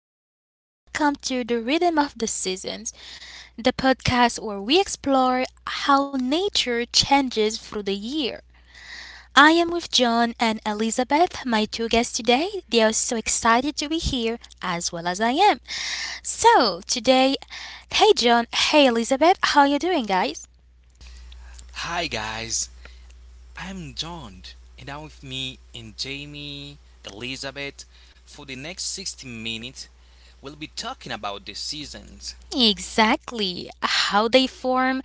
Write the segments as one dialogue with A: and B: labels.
A: everyone, and welcome to the Rhythm of the Seasons, the podcast where we explore how nature changes through the year. I am with John and Elizabeth, my two guests today. They are so excited to be here, as well as I am. So, today, hey John, hey Elizabeth, how are you doing, guys? Exactly. How they form,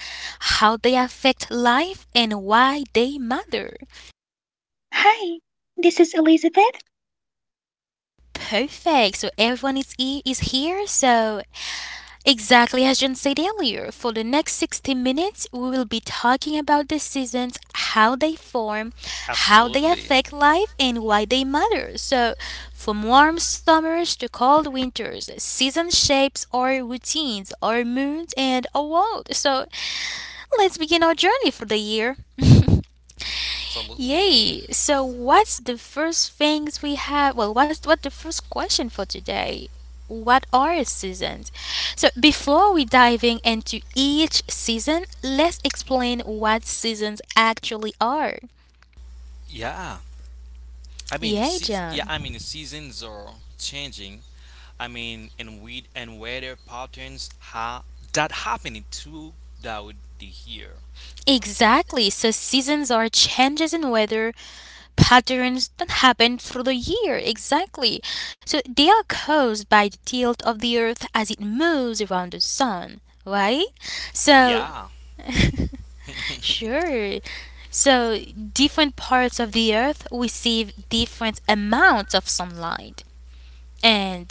A: how they affect life, and why they matter.
B: Hi, this is Elizabeth.
A: Perfect. So everyone is here. So exactly as John said earlier, for the next 60 minutes, we will be talking about the seasons, how they form, how they affect life, and why they matter. So from warm summers to cold winters, season shapes our routines, our moods, and our world. So let's begin our journey for the year. Yay! So, what's the first things we have? Well, what's what the first question for today? What are seasons? So, before we diving into each season, let's explain what seasons actually are. Yay, John. Exactly. So seasons are changes in weather patterns that happen through the year. Exactly. So they are caused by the tilt of the earth as it moves around the sun, right? So sure. So, different parts of the earth receive different amounts of sunlight. And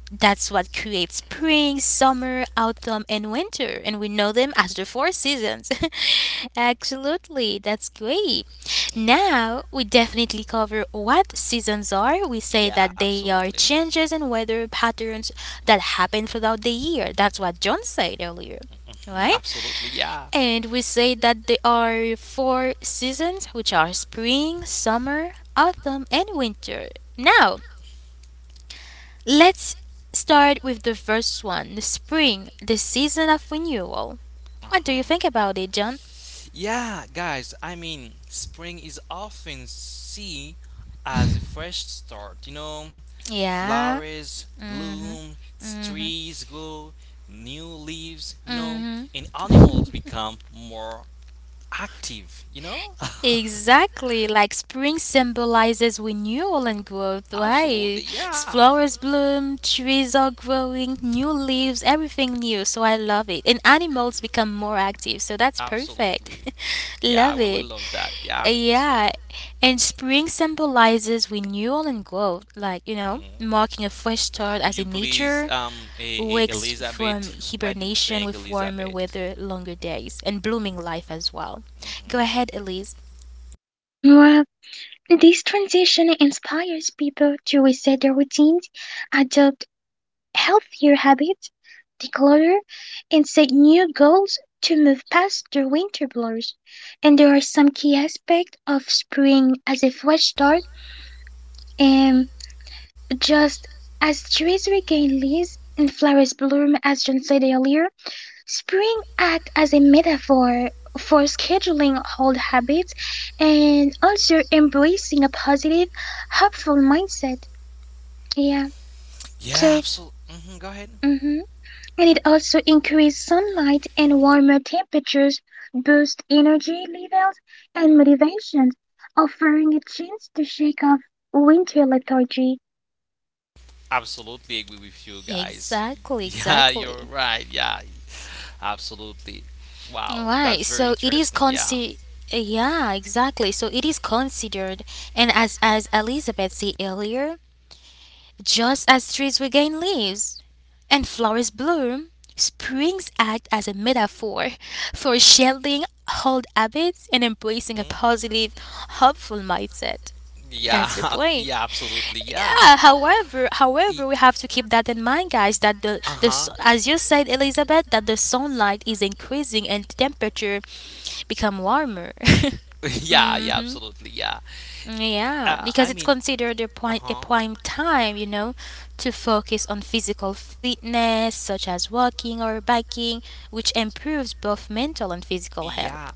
A: that's what creates spring, summer, autumn, and winter. And we know them as the four seasons. Absolutely. That's great. Now, we definitely cover what seasons are. We say that they are changes in weather patterns that happen throughout the year. That's what John said earlier, right? And we say that there are four seasons, which are spring, summer, autumn, and winter. Now, let's start with the first one, the spring, the season of renewal. What do you think about it, John? Yeah. Mm. Exactly, like spring symbolizes renewal and growth, right? Flowers bloom, trees are growing, new leaves, everything new. So I love it. And animals become more active, so that's perfect. Love it. Yeah. And spring symbolizes renewal and growth, like, you know, marking a fresh start as in nature wakes from hibernation with warmer weather, longer days, and blooming life as well. Go ahead, Elise.
B: Well, this transition inspires people to reset their routines, adopt healthier habits, declutter, and set new goals to move past their winter blues. And there are some key aspects of spring as a fresh start, and just as trees regain leaves and flowers bloom, as John said earlier, spring acts as a metaphor for scheduling old habits and also embracing a positive, hopeful mindset. Yeah, so, mhm. and it also increases sunlight and warmer temperatures, boost energy levels and motivations, offering a chance to shake off winter lethargy.
A: Exactly, exactly. Right. So it is consi Yeah, exactly. So it is considered, and as Elizabeth said earlier, just as trees regain leaves and flowers bloom, springs act as a metaphor for shedding old habits and embracing a positive, hopeful mindset. That's the point. Yeah, however, we have to keep that in mind, guys. That as you said, Elizabeth, that the sunlight is increasing and temperature become warmer. Mm-hmm. Yeah, because it's considered a prime time, you know, to focus on physical fitness such as walking or biking, which improves both mental and physical health.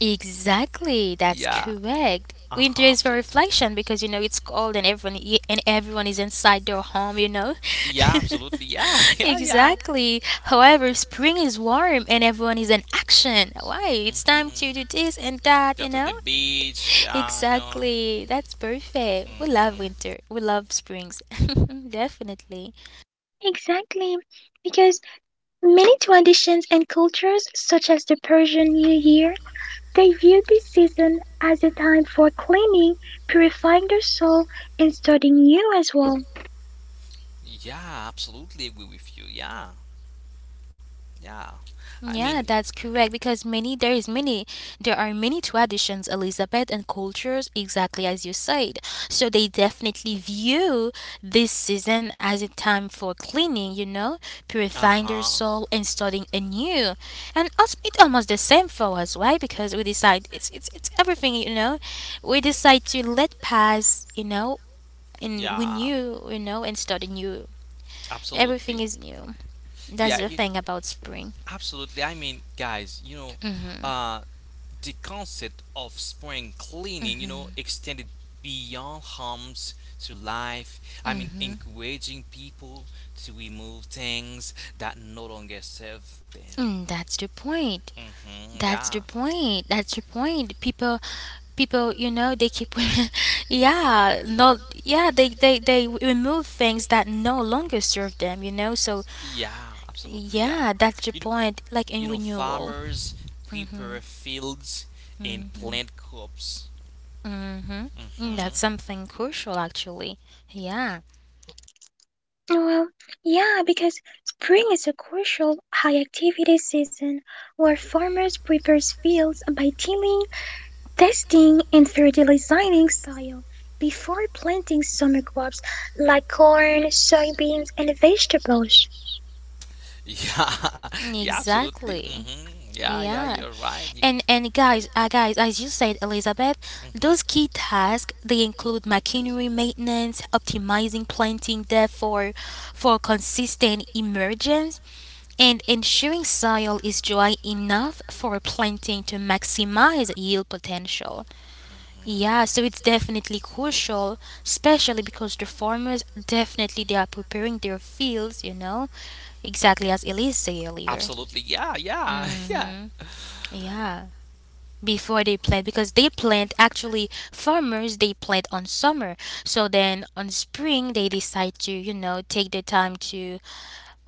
A: Exactly, that's correct. Winter is for reflection because you know it's cold and everyone is inside their home, you know. Exactly. However, spring is warm and everyone is in action. Why? It's time to do this and that, you know? Exactly. That's perfect. We love winter. We love springs. Definitely.
B: Exactly, because many traditions and cultures, such as the Persian New Year, they view this season as a time for cleaning, purifying their soul, and starting new as well.
A: Yeah, that's correct because many there is many there are many traditions, Elizabeth, and cultures exactly as you said. So they definitely view this season as a time for cleaning, you know, purifying their soul and starting anew. And it's almost the same for us, right? Because we decide it's everything, you know. We decide to let pass, you know, and we knew, you know, and start anew. Everything is new. That's the thing about spring. Mm, that's the point. That's the point. People, you know, they keep, yeah, no, yeah, they remove things that no longer serve them, you know. So, yeah, that's the point. Like in renewal. Mm-hmm. Mm-hmm. Mm-hmm. Mm, that's something crucial, actually. Yeah,
B: Well, yeah, because spring is a crucial high activity season where farmers prepare fields by tilling, testing, and fertilizing soil before planting summer crops like corn, soybeans, and vegetables.
A: exactly. Yeah. And guys, as you said, Elizabeth, those key tasks they include machinery maintenance, optimizing planting depth for consistent emergence, and ensuring soil is dry enough for planting to maximize yield potential. Yeah, so it's definitely crucial, especially because the farmers definitely they are preparing their fields, you know, exactly as Elise said earlier. Mhm. Yeah, before they plant because they plant actually farmers they plant on summer, so then on spring they decide to, you know, take the time to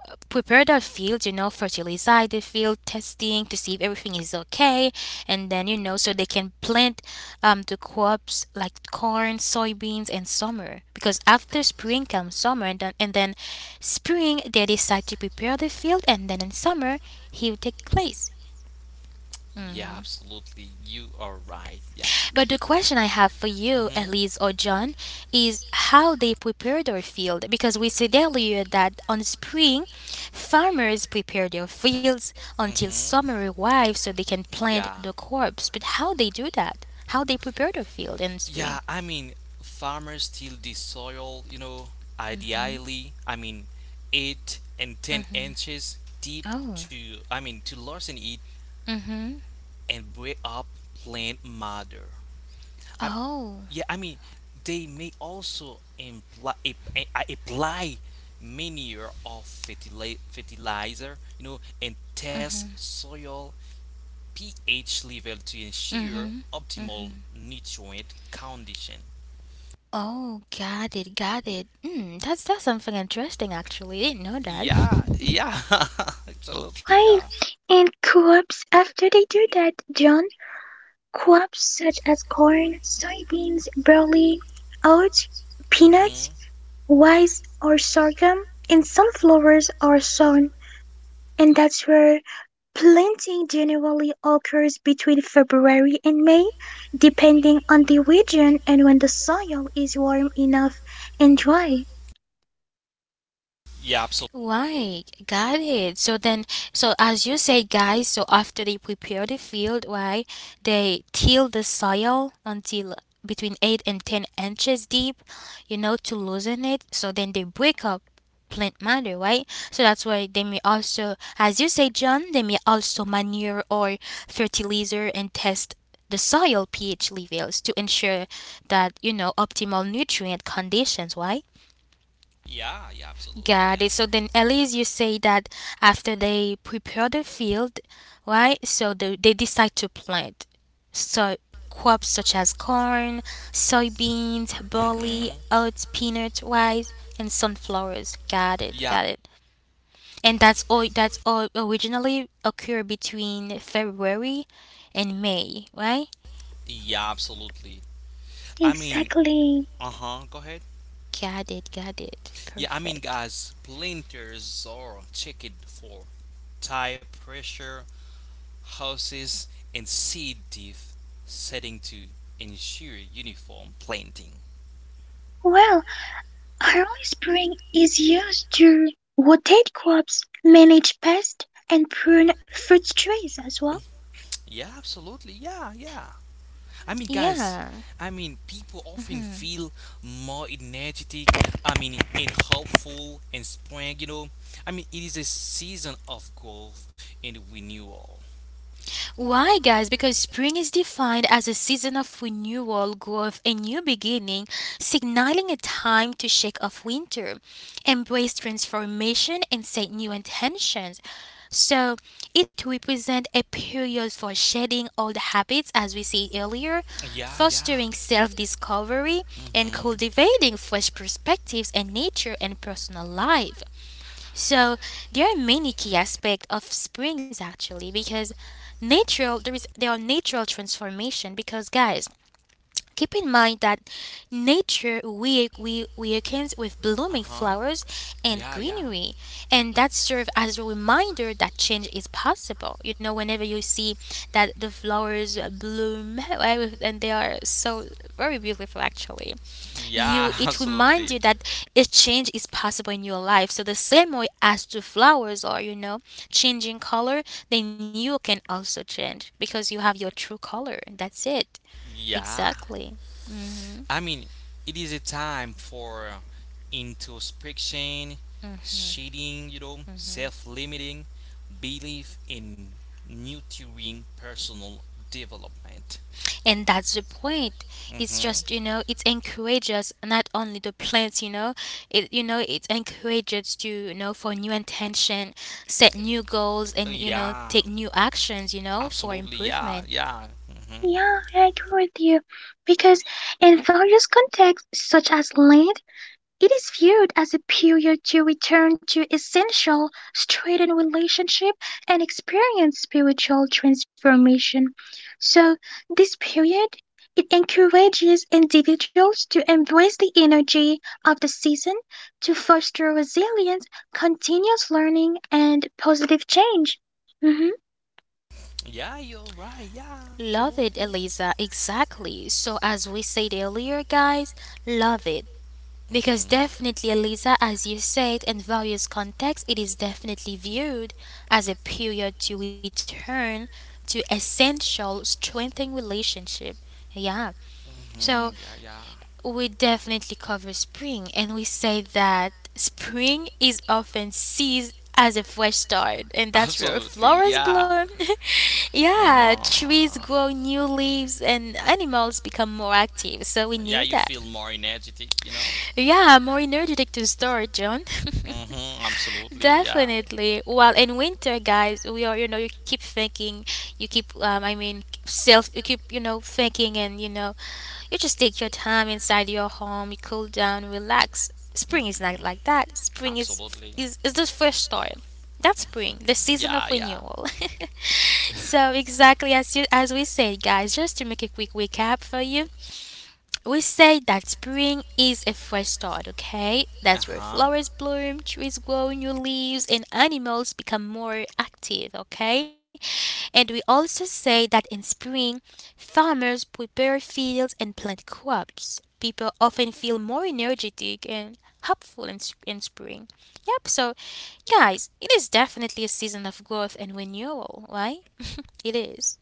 A: prepare their field, you know, fertilize the field, testing to see if everything is okay, and then, you know, so they can plant the crops like corn, soybeans, and summer, because after spring comes summer. And then spring they decide to prepare the field, and then in summer he'll take place. But the question I have for you, Elise or John, is how they prepare their field. Because we said earlier that on spring, farmers prepare their fields until summer arrives so they can plant the crops. But how they do that? How they prepare their field in spring? Oh, oh, oh! Got it, got it. Hmm, that's something interesting. Actually, I didn't know that.
B: Right, and crops after they do that, John, crops such as corn, soybeans, barley, oats, peanuts, rice or sorghum and sunflowers are sown, and that's where planting generally occurs between February and May, depending on the region and when the soil is warm enough and dry.
A: Right, got it. So then, so as you say, guys, so after they prepare the field, right, they till the soil until between 8 and 10 inches deep, you know, to loosen it. So then they break up plant matter, right? So that's why they may also, as you say, John, they may also manure or fertilizer and test the soil pH levels to ensure that, you know, optimal nutrient conditions, right? Got it. So then, at least you say that after they prepare the field, right? So they decide to plant. So crops such as corn, soybeans, barley, oats, peanuts, rice, and sunflowers. Got it. Got it. And that's all. That's all originally occur between February and May, right?
B: Exactly.
A: Got it. Got it. Perfect.
B: Well, early spring is used to rotate crops, manage pests, and prune fruit trees as well.
A: Yeah. Why, guys? Because spring is defined as a season of renewal, growth, and new beginning, signaling a time to shake off winter, embrace transformation, and set new intentions. So, it represents a period for shedding old habits, as we see earlier, fostering self discovery, and cultivating fresh perspectives in nature and personal life. So there are many key aspects of springs actually, because natural there is there are natural transformation, because guys, keep in mind that nature we weakens with blooming flowers and greenery, and that serve as a reminder that change is possible. You know, whenever you see that the flowers bloom and they are so very beautiful, actually, you it reminds you that a change is possible in your life. So the same way as the flowers are, you know, changing color, then you can also change because you have your true color. That's it. Exactly. And that's the point. It's just, you know, it encourages not only the plants, you know, it encourages to, you know, for new intention, set new goals and, you know, take new actions, you know, for improvement.
B: Yeah, I agree with you. Because in various contexts, such as land, it is viewed as a period to return to essential, straightened relationship and experience spiritual transformation. So, this period, it encourages individuals to embrace the energy of the season to foster resilience, continuous learning, and positive change. hmm
A: Love it, Eliza. Exactly. So, as we said earlier, guys, love it. Because definitely, Eliza, as you said, in various contexts, it is definitely viewed as a period to return to essential strengthening relationship. Yeah. So we definitely cover spring and we say that spring is often seized as a fresh start and that's where flowers bloom. Yeah, trees grow new leaves and animals become more active. So we knew that. Yeah, more energetic to start, John. Definitely. Well, in winter, guys, we are, you know, you keep thinking, you keep, I mean, self, you keep, you know, thinking and, you know, you just take your time inside your home, you cool down, relax. Spring is not like that. Spring is the fresh start. That's spring, the season of renewal. So exactly as we said, guys, just to make a quick recap for you, we say that spring is a fresh start, okay? That's where flowers bloom, trees grow new leaves, and animals become more active, okay? And we also say that in spring, farmers prepare fields and plant crops. People often feel more energetic and hopeful in spring. Yep, so guys, it is definitely a season of growth and renewal, right? It is.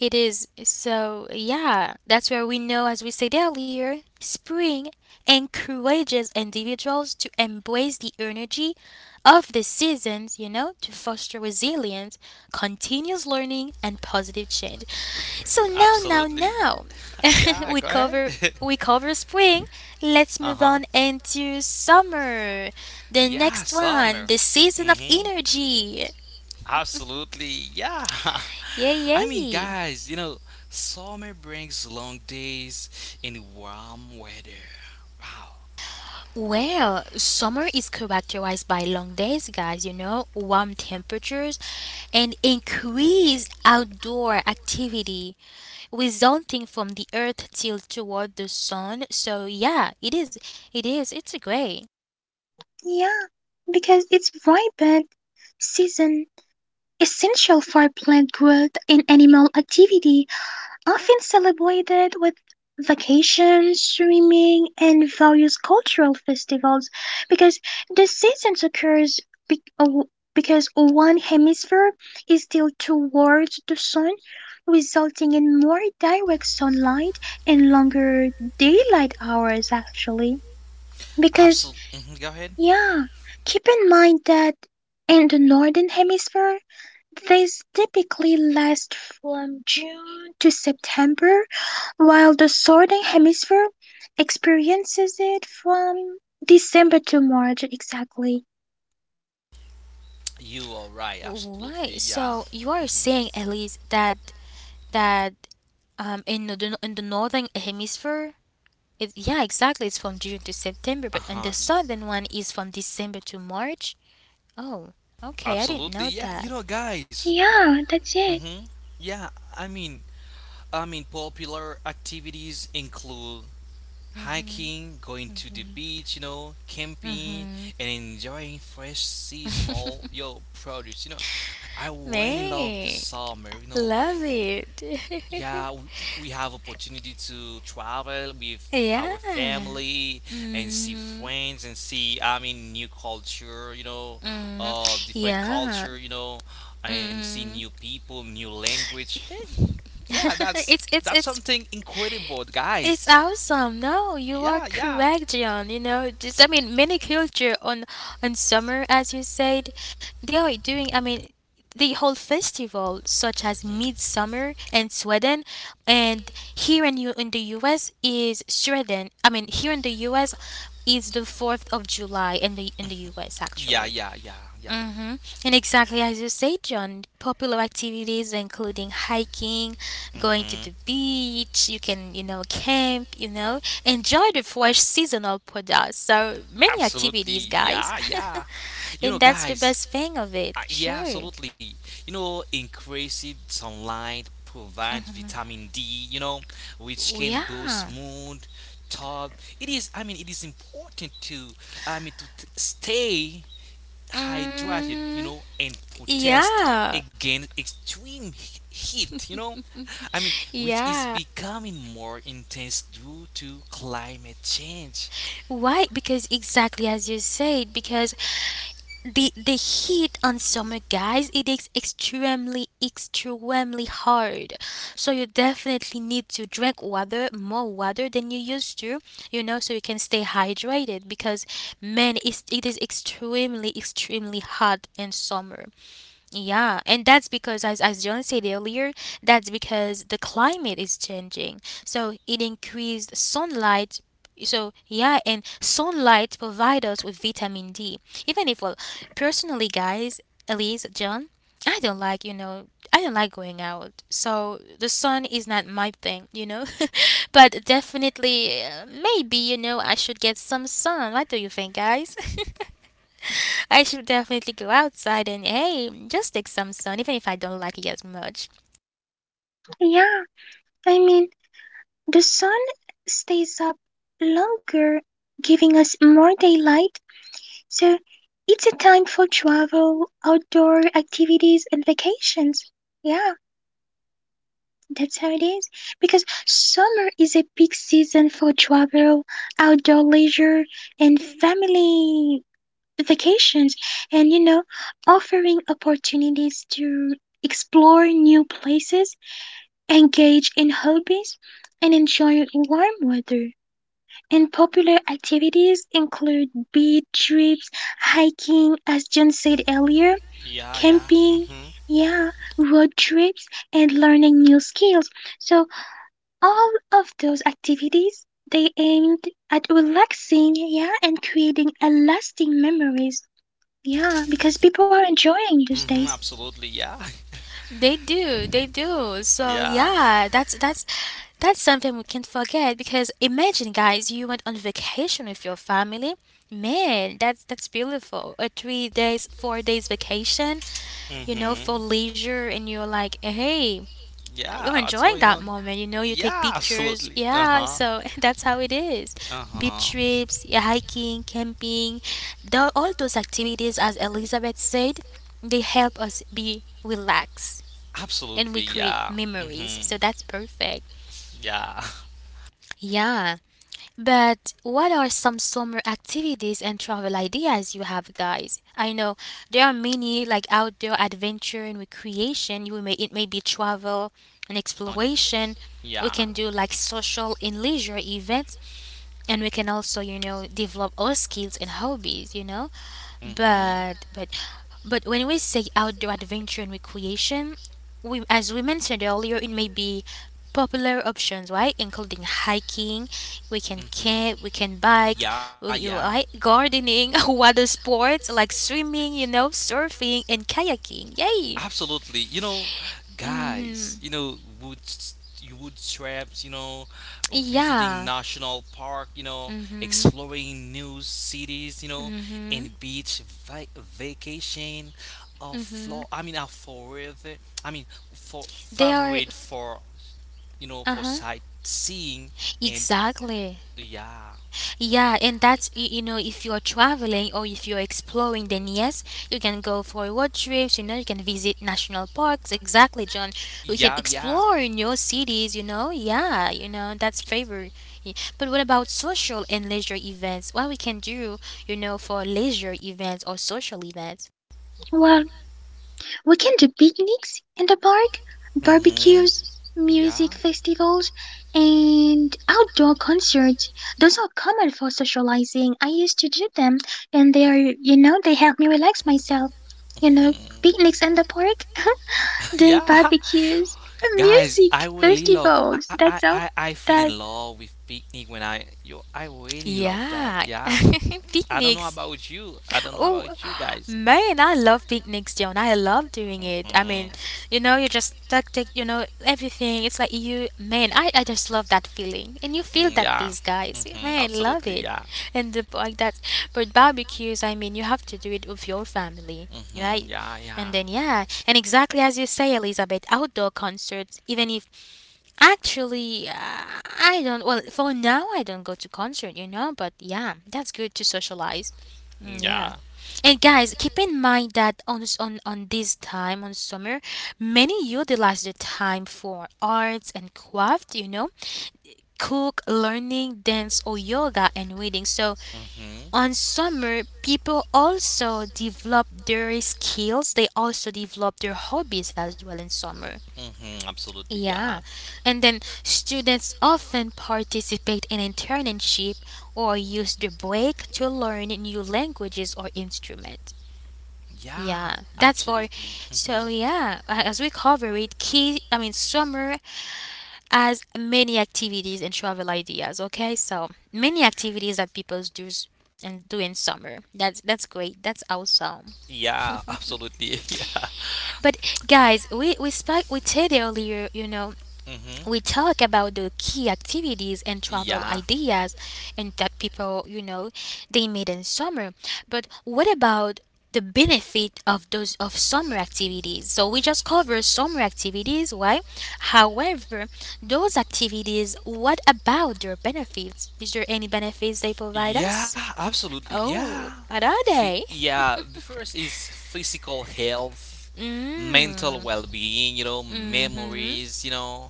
A: It is. So, yeah, that's where we know, as we said earlier, spring encourages individuals to embrace the energy of the seasons, you know, to foster resilience, continuous learning, and positive change. So now, we cover. We cover spring. Let's move on into summer. The next one, the season of energy. Yay, Yay. Well, summer is characterized by long days, guys, you know, warm temperatures, and increased outdoor activity resulting from the earth tilt toward the sun. So, yeah, it is. It is. It's great.
B: Yeah, because it's vibrant season essential for plant growth and animal activity, often celebrated with vacations, swimming, and various cultural festivals, because the season occurs be- oh, because one hemisphere is tilted towards the sun, resulting in more direct sunlight and longer daylight hours. Actually, because yeah, keep in mind that in the northern hemisphere these typically last from June to September, while the southern hemisphere experiences it from December to March exactly.
A: Right. So, you are saying, Elise, that in the northern hemisphere, yeah, exactly, it's from June to September, but in the southern one is from December to March. Oh, okay, I didn't know that.
B: Yeah, that's it.
A: Man, love it. Yeah. Mm, mm, yeah. Mm. it's it's it's It's awesome. No, you are correct, John. Many culture on summer, as you said, they are doing. I mean, the whole festival, such as Midsummer in Sweden, and here in U- in the U.S. is Sweden. I mean, here in the U.S. is the Fourth of July in the U.S. actually. Mm-hmm. And exactly as you say, John, popular activities including hiking, going to the beach, you can, you know, camp, you know, enjoy the fresh seasonal products. So many activities, guys. And that's the best thing of it. Sure. Yeah. Mm-hmm. Yeah. Yeah. Why? Because exactly as you said, because the heat on summer guys it is extremely extremely hard, so you definitely need to drink water, more water than you used to, you know, so you can stay hydrated, because man it is extremely extremely hot in summer. Yeah, and that's because, as John said earlier, that's because the climate is changing. So it increased sunlight. So, yeah, and sunlight provide us with vitamin D. Even if, well, personally, guys, Elise, John, I don't like, I don't like going out. So the sun is not my thing, But definitely, maybe, you know, I should get some sun. What do you think, guys? I should definitely go outside and hey, just take some sun, even if I don't like it as much.
B: Yeah, I mean, the sun stays up longer, giving us more daylight, so it's a time for travel, outdoor activities, and vacations. Yeah. That's how it is. Because summer is a peak season for travel, outdoor leisure, and family vacations, and you know, offering opportunities to explore new places, engage in hobbies, and enjoy warm weather. And popular activities include beach trips, hiking, as John said earlier,
C: Yeah, yeah.
B: camping,
C: Mhm.
B: yeah, road trips, and learning new skills. So all of those activities they aimed at relaxing, yeah, and creating a lasting memories. Yeah, because people are enjoying these
C: Mhm.
B: days.
C: Absolutely. Yeah.
A: They do, they do. So
C: Yeah.
A: yeah, that's that's something we can't forget because imagine guys, you went on vacation with your family. Man, that's beautiful. A three days, four days vacation, you know,
C: Mhm.
A: for leisure and you're like, hey, you're
C: Yeah. What's going
A: enjoying
C: on?
A: that moment, you know, you take
C: Yeah.
A: pictures.
C: Absolutely. Uh
A: Yeah,
C: huh.
A: so that's how it is.
C: Uh huh.
A: Beach trips, yeah, hiking, camping, all those activities as Elizabeth said, they help us be relaxed and
C: Absolutely.
A: we create
C: Yeah.
A: memories.
C: Mhm.
A: So that's perfect.
C: Yeah.
A: Yeah. But what are some summer activities and travel ideas you have, guys? I know there are many like outdoor adventure and recreation. You may it may be travel and exploration. We
C: Yeah.
A: can do like social and leisure events, and we can also, you know, develop our skills and hobbies, you know?
C: Mhm.
A: But but but when we say outdoor adventure and recreation, we as we mentioned earlier, it may be popular options, right? Including hiking, we can
C: Hmm.
A: camp, we can bike,
C: Yeah,
A: we,
C: yeah.
A: you right? Gardening, water sports like swimming, you know, surfing and kayaking. Yay!
C: Absolutely. You know, guys,
A: Mm-hmm.
C: wood you wood traps, visiting
A: Yeah.
C: national park,
A: Mm-hmm.
C: exploring new cities, and
A: Mm-hmm.
C: beach vacation, a floor,
A: Mm-hmm.
C: I mean a forever, I mean for
A: They are.
C: favorite, for, you know, for
A: Uh-huh.
C: sightseeing and
A: Exactly.
C: yeah,
A: Yeah, and you know, if you're traveling or if you're exploring, then yes, you can go for road trips. You know, you can visit national parks. Exactly, John. We can
C: yeah, yeah.
A: explore in your cities. You know, yeah, you know that's favor. Yeah. But what about social and leisure events? What we can do, you know, for leisure events or social events?
B: Well, we can do picnics in the park,
C: Mm-hmm.
B: barbecues, music
C: Yeah.
B: festivals, and outdoor concerts. Those are common for socializing. I used to do them, and they are, you know, they help me relax myself. You know,
C: Mhm.
B: picnics in the park. Doing
C: Yeah.
B: barbecues,
C: Guys,
B: music
C: I really love. I
B: festivals.
C: I
B: That's
C: I,
B: all
C: I feel in
B: that.
C: love with picnic when I yo. I really love that.
A: Yeah,
C: Yeah. I don't know
A: picnics.
C: about you. I don't know
A: Oh,
C: about you guys.
A: man, I love picnics, John. I love doing it. I
C: Mhm.
A: mean, you know, you just take, you know, everything. It's like you, man, I just love that feeling. And you feel
C: Mm,
A: that
C: yeah.
A: these guys,
C: Mhm.
A: man, love
C: Absolutely.
A: it.
C: Yeah.
A: And the, like that, but barbecues, I mean, you have to do it with your family,
C: Mhm.
A: right?
C: Yeah. Yeah.
A: And then, yeah, and exactly as you say, Elizabeth, outdoor concerts, even if actually, I don't. Well, for now, I don't go to concert, you know. But yeah, that's good to socialize. Mm, yeah,
C: Yeah.
A: and guys, keep in mind that on this time on summer, many utilize the time for arts and craft. You know, cook, learning, dance, or yoga and reading. So
C: Mhm.
A: on summer, people also develop their skills. They also develop their hobbies as well in summer.
C: Mhm. Absolutely.
A: Yeah,
C: Yeah.
A: and then students often participate in internship or use the break to learn new languages or instrument.
C: Yeah.
A: Yeah, that's for
C: Absolutely.
A: So
C: Mhm.
A: yeah, as we cover it, key I mean summer has many activities and travel ideas, okay? So many activities that people do s- and do in summer. That's great. That's awesome.
C: Yeah. Absolutely. Yeah.
A: But guys, we said earlier, you know,
C: Mm-hmm.
A: we talk about the key activities and travel
C: Yeah.
A: ideas and that people you know they made in summer, but what about the benefit of those of summer activities? So we just cover summer activities, right? However, those activities, what about their benefits? Is there any benefits they provide us?
C: Yeah, absolutely.
A: Oh,
C: Yeah.
A: what are
C: Phy-
A: they?
C: yeah, the first is physical health, mental
A: Mm,
C: well-being, you know,
A: mm-hmm.
C: memories.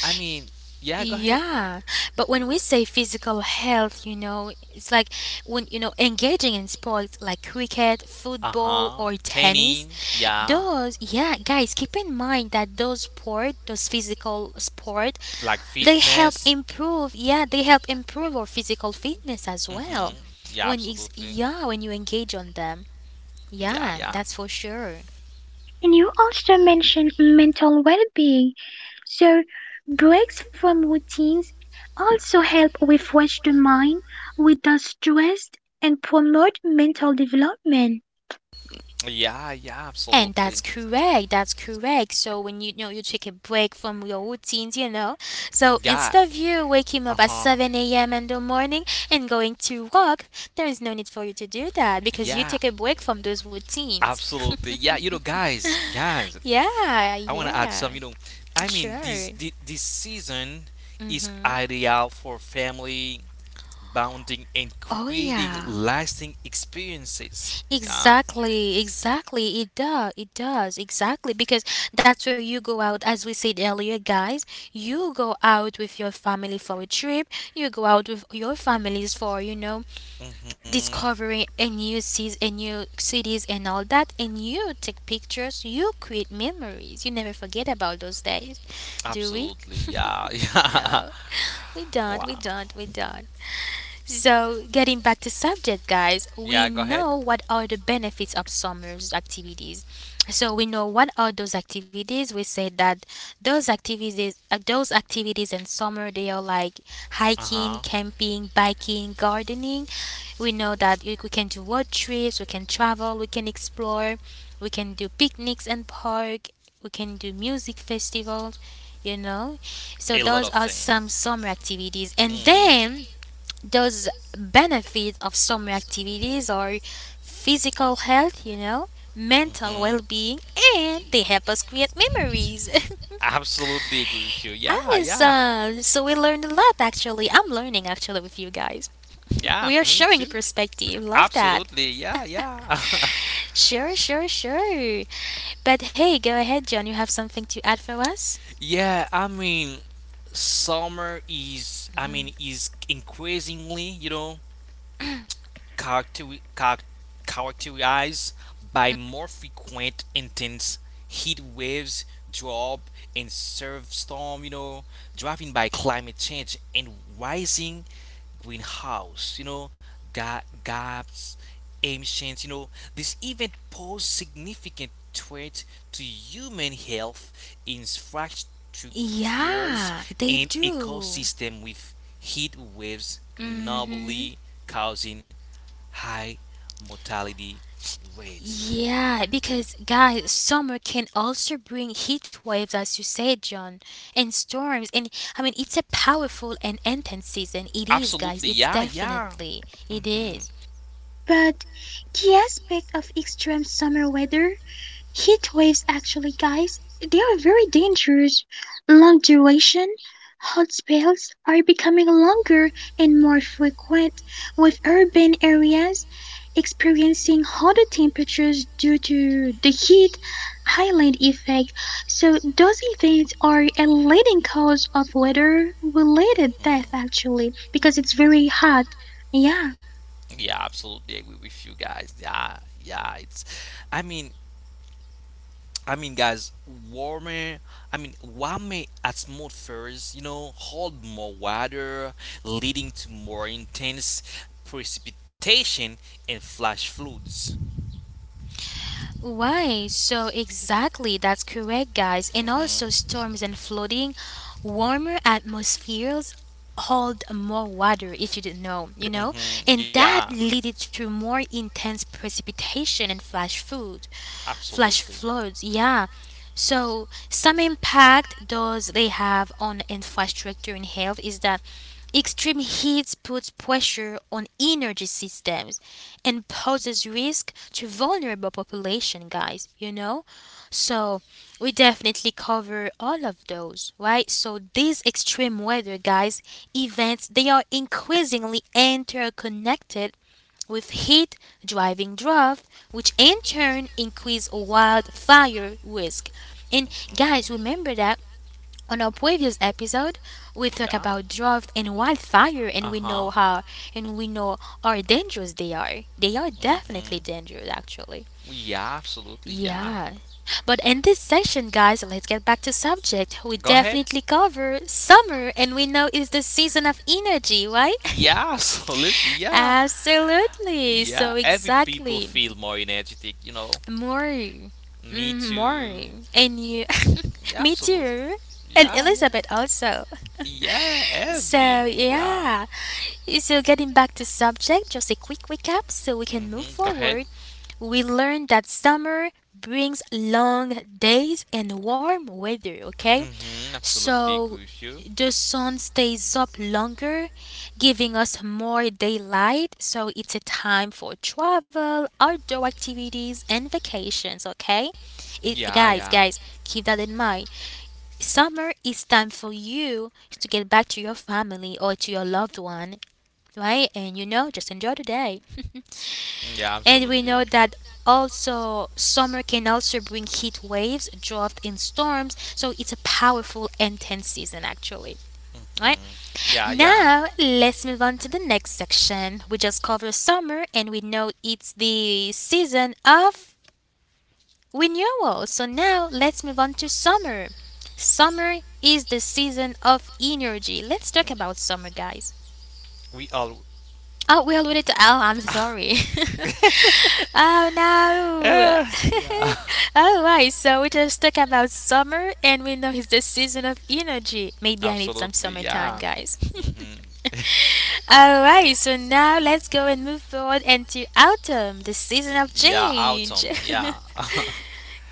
C: I mean, yeah, go ahead.
A: Yeah, but when we say physical health, you know, it's like when you know engaging in sports like cricket, football,
C: Uh-huh.
A: or tennis.
C: Tanning, yeah.
A: Those, yeah, guys, keep in mind that those sport, those physical sport,
C: Like
A: they help
C: fitness.
A: improve. Yeah, they help improve our physical fitness as well.
C: Mm-hmm. Yeah,
A: When it's,
C: absolutely.
A: yeah, when you engage on them,
C: Yeah,
A: yeah,
C: yeah.
A: that's for sure.
B: And you also mentioned mental well being. So, breaks from routines also help refresh the mind, reduce stress, and promote mental development.
C: Yeah, yeah,
A: And that's
C: absolutely.
A: correct. That's correct. So when you know, you take a break from your routines, you know, so
C: Yeah.
A: instead of you waking up at
C: Uh-huh.
A: 7 a.m. in the morning and going to work, there is no need for you to do that because you
C: Yeah,
A: take a break from those routines.
C: absolutely. Yeah, you know, guys,
A: Yeah,
C: I want to add
A: yeah,
C: some. You know, I mean,
A: sure.
C: this season is
A: Mhm.
C: ideal for family bonding and
A: Oh
C: creating
A: yeah.
C: lasting experiences. Yeah.
A: Exactly, exactly. It does, exactly. Because that's where you go out, as we said earlier, guys. You go out with your family for a trip. You go out with your families for, you know,
C: Mm-hmm.
A: discovering a new seas, a new cities, and all that. And you take pictures. You create memories. You never forget about those days, do we?
C: Absolutely. Yeah. Yeah.
A: No, we don't, we
C: Wow.
A: don't, we don't. So, getting back to subject, guys,
C: Yeah.
A: we
C: Go ahead.
A: know what are the benefits of summer's activities. So we know what are those activities. We said that those activities in summer, they are like
C: Uh
A: hiking,
C: huh.
A: camping, biking, gardening. We know that we can do road trips, we can travel, we can explore, we can do picnics and park. We can do music festivals, you know. So
C: A lot
A: those
C: of
A: are
C: thing.
A: some summer activities. And
C: Mm-hmm.
A: then those benefits of summer activities are physical health, you know, mental
C: Mm-hmm.
A: well being, and they help us create memories.
C: Absolutely agree with you.
A: I
C: Yeah,
A: was,
C: yeah.
A: so We learned a lot actually. I'm learning actually with you guys.
C: Yeah,
A: We are
C: me too.
A: sharing perspective. Love that.
C: Absolutely. Yeah, yeah.
A: Sure, sure, sure. But hey, go ahead, John. You have something to add for us?
C: Yeah, I mean, summer is, I mean, is increasingly, you know, character char- characterized by more frequent intense heat waves, drought, and surf storm, driven by climate change and rising greenhouse, you know, gaps, emissions. This event pose significant threat to human health, infrastructures,
A: Yeah, they
C: and
A: do.
C: ecosystem with heat waves
A: Mm hmm.
C: normally causing high mortality rates.
A: Yeah, because guys, summer can also bring heat waves, as you said, John, and storms. And I mean, it's a powerful and intense season. It is,
C: Absolutely,
A: guys. It's
C: yeah, yeah.
A: definitely it
C: Mhm.
A: is.
B: But key aspect of extreme summer weather, heat waves actually guys, they are very dangerous. Long duration hot spells are becoming longer and more frequent, with urban areas experiencing hotter temperatures due to the heat island effect. So those events are a leading cause of weather related death
C: Mm.
B: actually because it's very hot. Yeah.
C: Yeah, absolutely agree with you guys. Yeah, yeah. It's, I mean, I mean, guys, warmer. I mean, warmer atmospheres, you know, hold more water, leading to more intense precipitation and flash floods.
A: Why? So exactly, that's correct, guys. And also,
C: Mm-hmm.
A: storms and flooding, warmer atmospheres hold more water, if you didn't know, you know,
C: Mm-hmm.
A: and
C: Yeah.
A: that leaded to more intense precipitation and flash
C: Absolutely.
A: floods, yeah. So, some impact does they have on infrastructure and health is that extreme heat puts pressure on energy systems and poses risk to vulnerable population, guys, you know? So, we definitely cover all of those, right? So, these extreme weather, guys, events, they are increasingly interconnected with heat driving drought, which in turn increase wildfire risk. And guys, remember that on our previous episode we talked
C: Yeah.
A: about drought and wildfire, and we know
C: Uh-huh.
A: how and we know how dangerous they are. They are
C: Mm-hmm.
A: definitely dangerous actually.
C: Yeah, absolutely. Yeah.
A: Yeah. But in this section, guys, let's get back to subject. We
C: Go ahead.
A: definitely cover summer, and we know it's the season of energy, right?
C: Yeah, absolutely. Yeah.
A: Absolutely.
C: Yeah.
A: So
C: Every people
A: exactly.
C: feel more energetic, you know.
A: Maury.
C: Me
A: Mm,
C: too.
A: Maury. And you.
C: Yeah,
A: Me
C: absolutely.
A: too. And
C: Yeah, yeah.
A: Elizabeth also.
C: Yeah, every.
A: So,
C: Yeah.
A: yeah. So, getting back to subject, just a quick recap so we can move
C: Mm-hmm. Go ahead.
A: forward. We learned that summer brings long days and warm weather, okay?
C: Mm-hmm. Absolutely
A: So,
C: agree with you.
A: the sun stays up longer, giving us more daylight. So, it's a time for travel, outdoor activities, and vacations, okay?
C: Yeah,
A: Guys,
C: yeah.
A: guys, keep that in mind. Summer is time for you to get back to your family or to your loved one, right? And you know, just enjoy the day.
C: Yeah,
A: And we
C: absolutely.
A: know that also summer can also bring heat waves, drought, and storms. So it's a powerful, intense season, actually. Right
C: Mm. Yeah, yeah.
A: now, let's move on to the next section. We just covered summer, and we know it's the season of renewal. So now, let's move on to summer. Summer is the season of energy. Let's talk about summer, guys.
C: We all.
A: Oh, we alluded to L. I'm sorry. Oh no.
C: Eh, yeah.
A: All right, so we just talk about summer, and we know it's the season of energy. Maybe I need some
C: Absolutely,
A: summertime,
C: yeah.
A: guys.
C: Hmm.
A: All right, so now let's go and move forward into autumn, the season of
C: Yeah, autumn,
A: change.
C: yeah.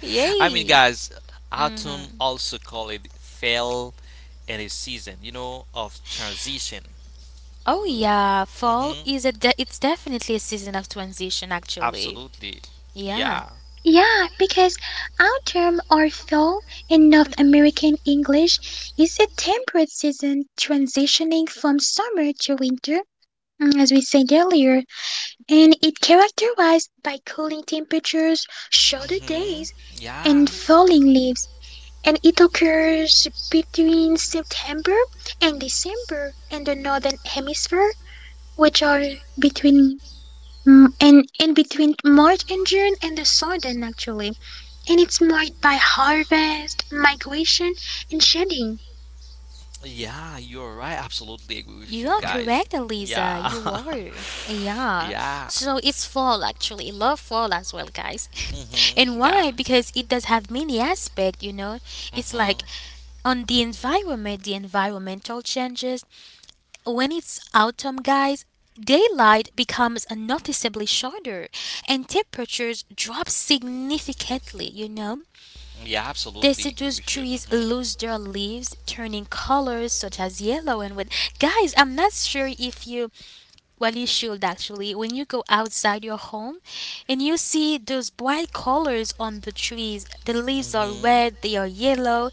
C: I mean,
A: Yay.
C: guys, autumn
A: Hmm.
C: also call it fall and a season, you know, of transition.
A: Oh yeah, fall
C: Mhm.
A: is a it's definitely a season of transition actually.
C: Absolutely.
A: Yeah,
C: Yeah.
B: Yeah, because our term fall in North American English is a temperate season transitioning from summer to winter, mm, as we said earlier, and it characterized by cooling temperatures, shorter
C: Mhm.
B: days, and
C: Yeah.
B: falling leaves. And it occurs between September and December in the Northern Hemisphere, which are between, mm, and between March and June and the southern actually, and it's marked by harvest, migration, and shedding.
C: Yeah, you're right. Absolutely agree with
A: you
C: you
A: are
C: guys.
A: correct, Eliza.
C: Yeah.
A: You are. Yeah.
C: Yeah.
A: So it's fall actually. Love fall as well, guys. and
C: Mm-hmm. Yeah.
A: why? Because it does have many aspects, It's
C: Mm-hmm.
A: like on the environment, the environmental changes. When it's autumn, guys, daylight becomes noticeably shorter and temperatures drop significantly.
C: Yeah, absolutely agree
A: Deciduous
C: with you.
A: trees
C: Mm-hmm.
A: lose their leaves, turning colors such as yellow and red. Guys, I'm not sure if you, well, you should actually. When you go outside your home and you see those bright colors on the trees, the leaves are
C: Mm-hmm.
A: red, they are yellow.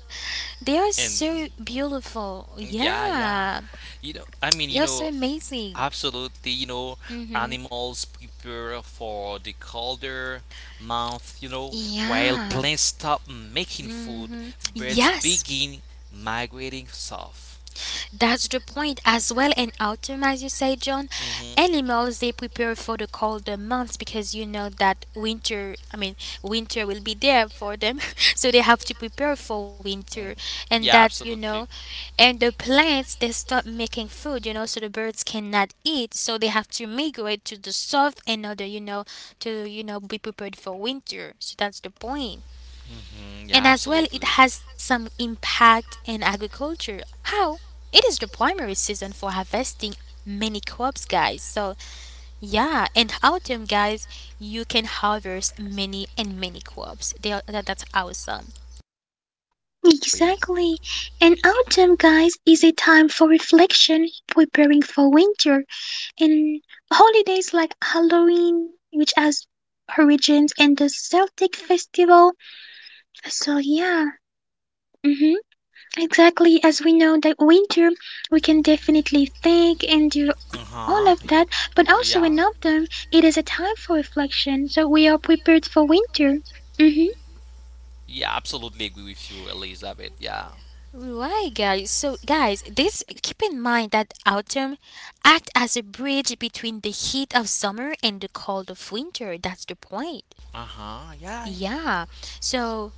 A: They are
C: And
A: so beautiful.
C: yeah, yeah.
A: Yeah,
C: You know, I mean,
A: they
C: you
A: are so
C: know,
A: amazing.
C: absolutely, you know,
A: Mm-hmm.
C: animals prepare for the colder month, you know, while
A: Yeah.
C: plants stop making food,
A: Mm-hmm.
C: birds
A: Yes.
C: begin migrating south.
A: That's the point as well. In autumn, as you say, John,
C: Hmm.
A: animals they prepare for the colder months because you know that winter. I mean, winter will be there for them, so they have to prepare for winter. And
C: Yeah, absolutely.
A: and the plants they stop making food. So the birds cannot eat, so they have to migrate to the south in order to be prepared for winter. So that's the point.
C: Hmm.
A: And
C: Yeah,
A: as well,
C: absolutely.
A: it has some impact in agriculture. How? It is the primary season for harvesting many crops, guys. So, yeah, and autumn, guys, you can harvest many and many crops. They are, that's awesome.
C: Wait.
B: Exactly. And autumn, guys, is a time for reflection, preparing for winter, and holidays like Halloween, which has origins in the Celtic festival. So yeah. hmm Exactly, as we know that winter, we can definitely think and do
C: Uh
B: all
C: huh.
B: of that, but also
C: Yeah.
B: in autumn, it is a time for reflection, so we are prepared for winter. hmm
C: Yeah, absolutely agree with you, Elizabeth. Yeah.
A: Right, guys. So, guys, this keep in mind that autumn act as a bridge between the heat of summer and the cold of winter. That's the point.
C: Uh huh. Yeah.
A: Yeah. So,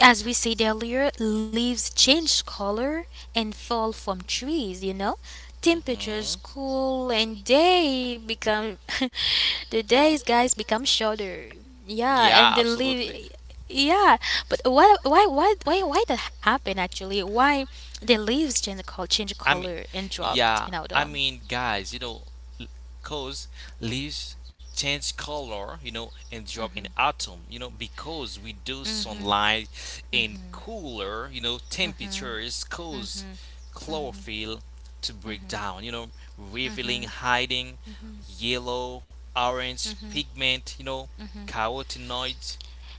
A: as we said earlier, leaves change color and fall from trees, you know? Temperatures
C: Mm-hmm.
A: cool and day become the days guys become shorter. Yeah, and
C: Yeah,
A: the
C: absolutely.
A: leaf yeah, but why that happen actually? Why the leaves change
C: I mean,
A: color and dropped in
C: yeah, I
A: autumn?
C: mean, guys, you know, l- cause leaves change color, you know, and drop in autumn, you know, because we do
A: Mhm.
C: sunlight in cooler, you know, temperatures cause chlorophyll to break down, you know, revealing hiding yellow, orange pigment, you know, carotenoids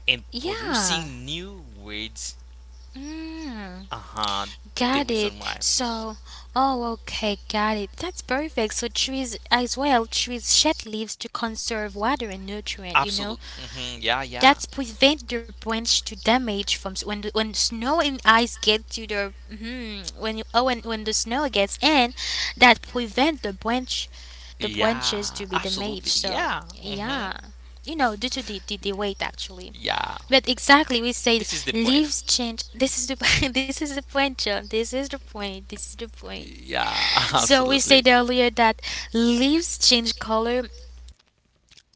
C: and
A: Yeah.
C: producing new words.
A: Mm.
C: Uh huh. The
A: Got
C: reason
A: it.
C: why.
A: So, oh, okay, got it. That's perfect. So trees as well, trees shed leaves to conserve water and nutrient. You know,
C: Absolutely. Hmm. Yeah, yeah.
A: that's prevent the branch to damage from when when snow and ice get to the mhm, when you oh when the snow gets in, that prevent the branches to
C: Yeah.
A: be damaged.
C: Absolutely.
A: So
C: Yeah.
A: yeah,
C: Hmm.
A: you know, due to the weight actually.
C: Yeah.
A: But exactly, we said
C: This is the point.
A: leaves change. This is the this is the point, John. This is the point.
C: Yeah,
A: So we said
C: absolutely.
A: earlier that leaves change color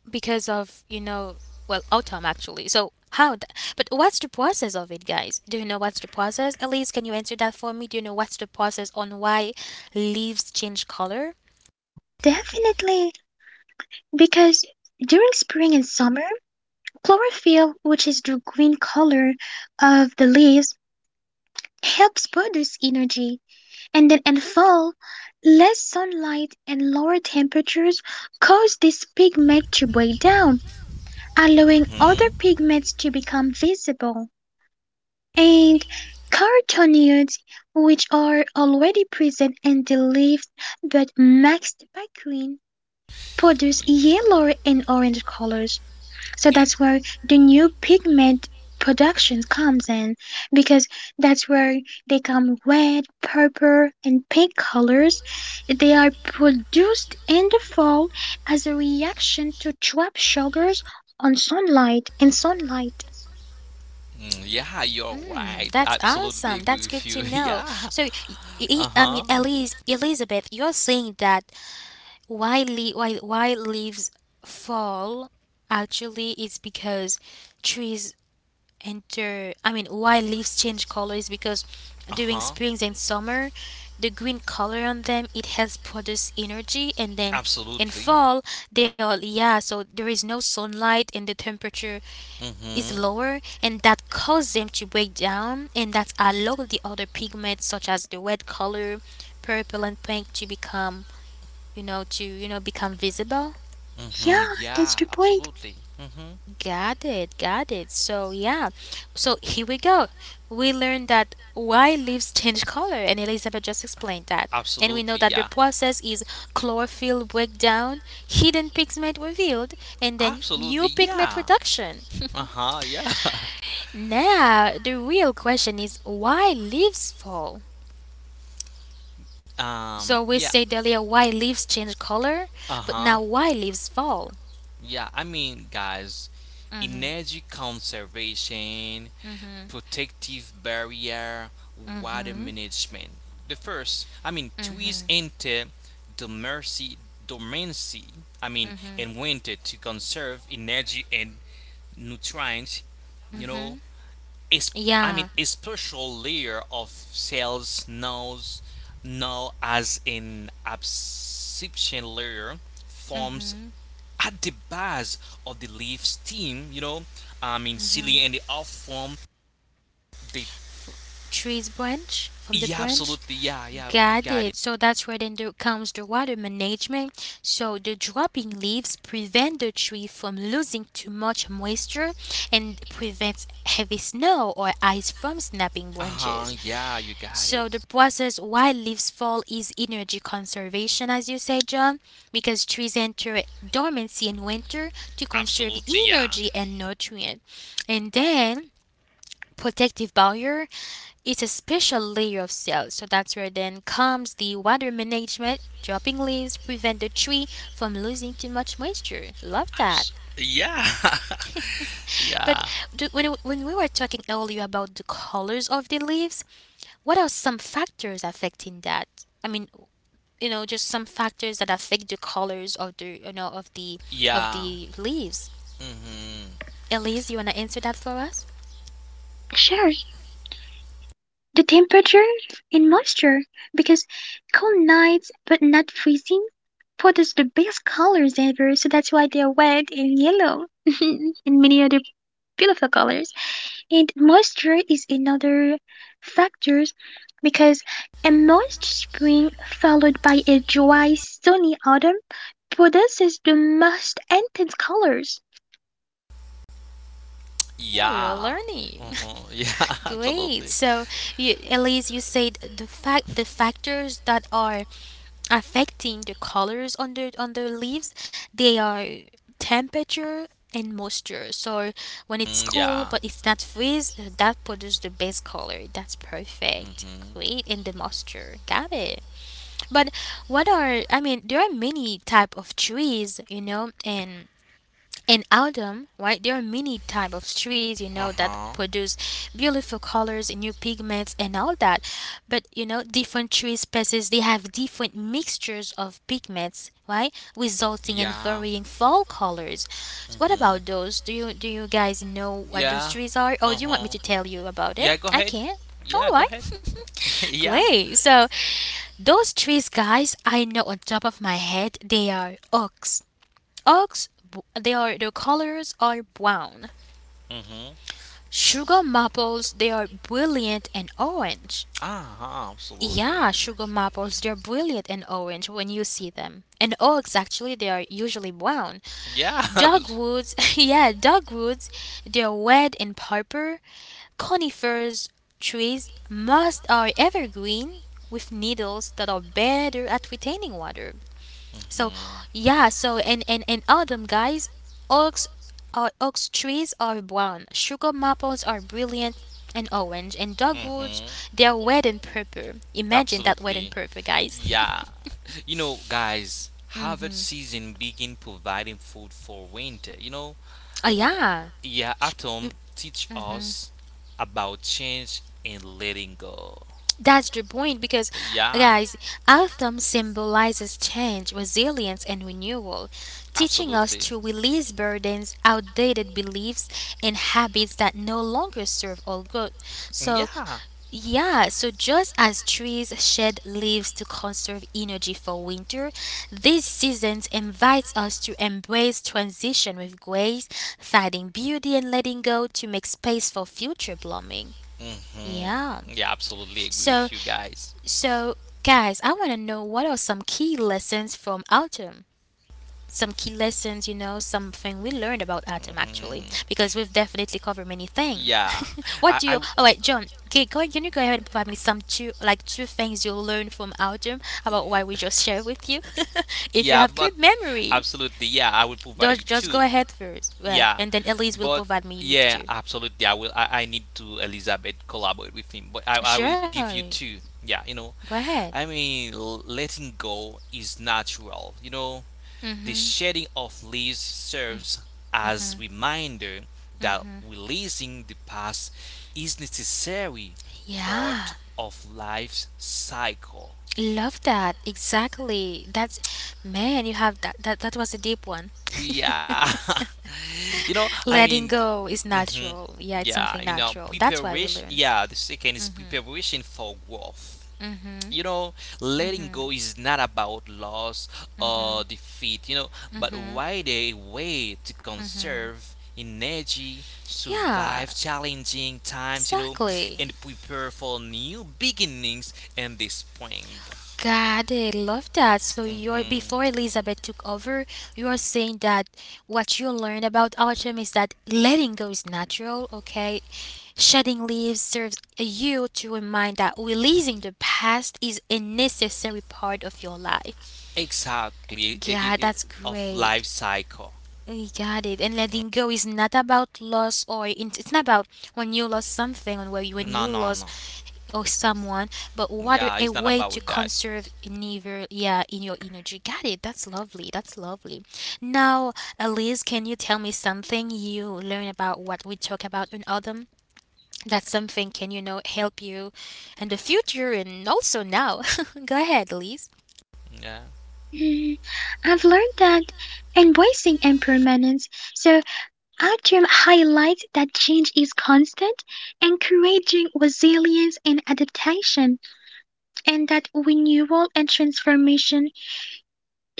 A: because of you know well autumn actually. So how? But what's the process of it, guys? Do you know what's the process? Elise, can you answer that for me? Do you know what's the process on why leaves change color?
B: Definitely, because during spring and summer, chlorophyll, which is the green color of the leaves, helps produce energy, and then in fall, less sunlight and lower temperatures cause this pigment to break down, allowing
C: Hmm.
B: other pigments to become visible. And carotenoids, which are already present in the leaves but mixed by green, produce yellow and orange colors. So that's where the new pigment production comes in, because that's where they come red, purple, and pink colors. They are produced in the fall as a reaction to trap sugars on sunlight and sunlight.
C: Mm, yeah, you're right.
A: Mm, that's
C: Absolutely agree
A: awesome.
C: with you.
A: That's good to
C: Yeah.
A: know. So,
C: Uh huh.
A: I mean, Elise, Elizabeth, you're saying that why le- why leaves fall actually is because trees enter I mean why leaves change color is because
C: Uh
A: during
C: huh.
A: springs and summer the green color on them it has produced energy and then in
C: Absolutely.
A: fall they all yeah so there is no sunlight and the temperature is
C: Mm-hmm.
A: lower and that causes them to break down and that allows the other pigments such as the red color, purple and pink to become to, become visible.
C: Mm-hmm.
B: Yeah, that's
C: Yeah,
B: the point.
C: absolutely. Mm-hmm.
A: Got it. So, yeah. So, here we go. We learned that why leaves change color, and Elizabeth just explained that. And we know
C: Absolutely,
A: that the
C: yeah.
A: process is chlorophyll breakdown, hidden pigment revealed, and then
C: Absolutely,
A: new pigment
C: yeah.
A: reduction.
C: Uh-huh, yeah.
A: Now, the real question is why leaves fall?
C: Um,
A: So we
C: yeah.
A: said earlier why leaves change color,
C: Uh
A: but
C: huh.
A: now why leaves fall?
C: Yeah, I mean, guys, energy conservation, protective barrier, water management. The first, I mean, trees enter dormancy, dormancy, I mean, in winter to conserve energy and nutrients, you know, a I mean
A: Yeah.
C: a special layer of cells knows now as an absorption layer forms at the base of the leaf stem, you know, I mean silly and the off form they
A: f- tree's branch from the
C: yeah
A: branch
C: absolutely yeah yeah you
A: got
C: got it.
A: it so that's where then there comes the water management so the dropping leaves prevent the tree from losing too much moisture and prevents heavy snow or ice from snapping
C: Uh-huh,
A: branches
C: yeah, you got it.
A: so the process why leaves fall is energy conservation as you say john because trees enter dormancy in winter to conserve
C: Absolutely, yeah.
A: energy and nutrient and then protective barrier it's a special layer of cells, so that's where then comes the water management. Dropping leaves prevent the tree from losing too much moisture. Love that.
C: Abs- yeah.
A: But
C: Yeah.
A: do, when we were talking earlier about the colors of the leaves, what are some factors affecting that? I mean, you know, just some factors that affect the colors of the of
C: Yeah.
A: the leaves.
C: Mhm.
A: Elise, you wanna answer that for us?
B: Sure. The temperature and moisture, because cold nights but not freezing produce the best colors ever, so that's why they're red and yellow and many other beautiful colors. And moisture is another factor because a moist spring followed by a dry, sunny autumn produces the most intense colors.
A: We're
C: Yeah.
A: learning.
C: Uh-huh. Yeah,
A: Great.
C: absolutely.
A: So, Elise, you said the factors that are affecting the colors on the leaves, they are temperature and moisture. So, when it's
C: Mm,
A: cool
C: yeah.
A: but it's not freeze, that produces the best color. That's perfect.
C: Mm-hmm.
A: Great. And the moisture, got it. But what are I mean, there are many type of trees, you know, and in autumn, right, there are many type of trees, you know, that
C: Uh-huh.
A: produce beautiful colors, new pigments, and all that. But you know, different tree species they have different mixtures of pigments, right, resulting in
C: Yeah.
A: varying fall colors. What about
C: Mm-hmm.
A: those? Do you guys know what those
C: Yeah.
A: trees are, or do you want me
C: Uh-huh.
A: to tell you about it?
C: Yeah, go
A: I
C: ahead.
A: can. All
C: Yeah, go ahead.
A: right.
C: Yeah.
A: Great. So those trees, guys, I know on top of my head, they are oaks. Oaks, they are their colors are brown.
C: Mm-hmm.
A: Sugar maples, they are brilliant and orange.
C: Uh-huh. Absolutely.
A: Yeah, sugar maples, they're brilliant and orange when you see them. And oaks, actually, they are usually brown.
C: Yeah.
A: Dogwoods, yeah, dogwoods, they're red and purple. Conifers trees, most are evergreen with needles that are better at retaining water. So
C: Mm-hmm.
A: yeah, so in autumn guys, oaks are oak trees are brown, sugar maples are brilliant and orange, and dogwoods
C: Mm-hmm.
A: they're red and purple. Imagine that red and
C: Absolutely.
A: purple guys.
C: Yeah. You know, guys, harvest season begin providing food for winter. You know,
A: Oh yeah.
C: yeah, atom teach us about change and letting go.
A: That's the point because
C: Yeah,
A: guys, autumn symbolizes change, resilience and renewal, teaching us
C: absolutely.
A: to release burdens, outdated beliefs and habits that no longer serve our growth. So
C: Yeah.
A: yeah, so just as trees shed leaves to conserve energy for winter, this season invites us to embrace transition with grace, finding beauty and letting go to make space for future blooming.
C: Hmm.
A: Yeah.
C: Yeah, absolutely agree
A: So
C: with you guys.
A: so guys, I want to know what are some key lessons from autumn? Some key lessons, you know, something we learned about Atom actually,
C: Hmm.
A: because we've definitely covered many things.
C: Yeah.
A: What
C: I,
A: do
C: I
A: you? Oh wait, John, okay, go, can you go ahead and provide me some two, like two things you learned from Atom about why we just shared with you? If you
C: yeah,
A: have
C: but
A: good memory,
C: absolutely, yeah, I will provide you
A: just
C: two.
A: go ahead first, yeah,
C: Yeah,
A: and then Elise will
C: but
A: provide me with
C: yeah,
A: two.
C: absolutely, I will. I need to Elizabeth collaborate with him, but I will give
A: Sure,
C: you two. Yeah, you know,
A: go ahead.
C: I mean, letting go is natural. You know, the
A: Mm-hmm,
C: shedding of leaves serves
A: mm-hmm.
C: as reminder that releasing the past is necessary
A: Yeah,
C: part of life's cycle.
A: love that. Exactly. That's man, you have that. That was a deep one.
C: Yeah. You know, I mean,
A: Letting go is
C: hmm,
A: natural. Yeah, it's
C: yeah,
A: something
C: you know,
A: natural. That's why we
C: preparation.
A: learn.
C: Yeah, the second is preparation for growth.
A: Mhm.
C: You know, letting
A: Mhm.
C: go is not about loss or defeat, you know, but
A: Mhm.
C: rather a way to
A: Mhm.
C: conserve energy,
A: Yeah,
C: survive challenging times, you know,
A: exactly.
C: and prepare for new beginnings in the spring.
A: God, I love that. So you're before
C: Hmm.
A: Elizabeth took over, you are saying that what you learned about autumn is that letting go is natural, okay? Shedding leaves serves you to remind that releasing the past is a necessary part of your life.
C: Exactly,
A: God, that's
C: of
A: great.
C: life cycle.
A: I got it. And letting go is not about loss or it's not about when you lost something or when
C: No,
A: you
C: no, no.
A: lost or someone, but what
C: Yeah,
A: a
C: it's not
A: way to
C: about that.
A: conserve never yeah in your energy. Got it. That's lovely. That's lovely. Now, Elise, can you tell me something you learn about what we talk about in autumn? That something can you know help you in the future and also now. Go ahead, Elise.
C: Yeah.
B: Mm, I've learned that embracing impermanence, so autumn highlights that change is constant, encouraging resilience and adaptation, and that renewal and transformation,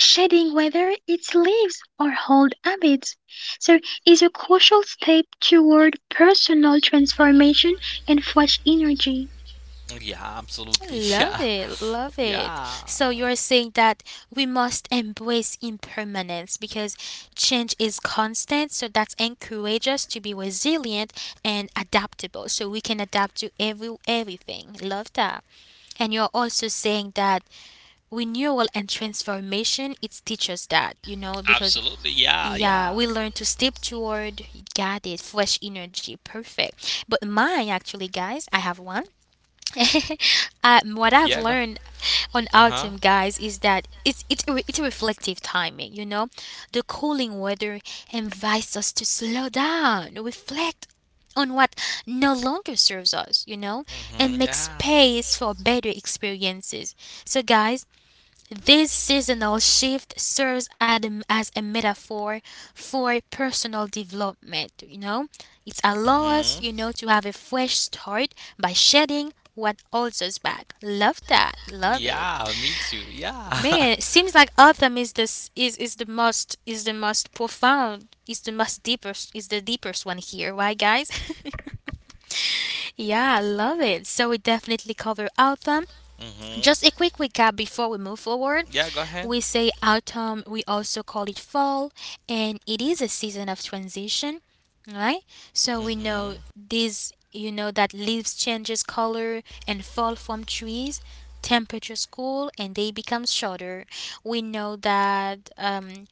B: shedding whether its leaves or old habits. So, is a crucial step toward personal transformation and fresh energy.
C: Yeah, absolutely. Yeah.
A: Love it, love it.
C: Yeah.
A: So you're saying that we must embrace impermanence because change is constant, so that encourages us to be resilient and adaptable. So we can adapt to everything. Love that. And you're also saying that renewal and transformation it teaches that, you know, because
C: Absolutely. Yeah,
A: yeah,
C: yeah.
A: we learn to step toward got it, fresh energy, perfect. But mine actually guys, I have one. What I've
C: Yeah, go.
A: learned on
C: Uh huh.
A: autumn, guys, is that it's a reflective timing. You know, the cooling weather invites us to slow down, reflect on what no longer serves us. You know, and
C: Mm-hmm.
A: make
C: Yeah.
A: space for better experiences. So, guys, this seasonal shift serves as a metaphor for personal development, you know. It allows
C: Mm-hmm.
A: us, you know, to have a fresh start by shedding what holds us back. Love that. Love it.
C: Yeah, me too. Yeah.
A: Man, it seems like autumn is this is the most is the most deepest is the deepest one here, why, guys? Yeah, I love it. So we definitely cover autumn
C: Mm-hmm.
A: just a quick recap before we move forward.
C: Yeah, go ahead.
A: We say autumn, we also call it fall, and it is a season of transition, right? So we know
C: Mm-hmm.
A: this, you know that leaves changes color and fall from trees, temperatures cool and they become shorter. We know that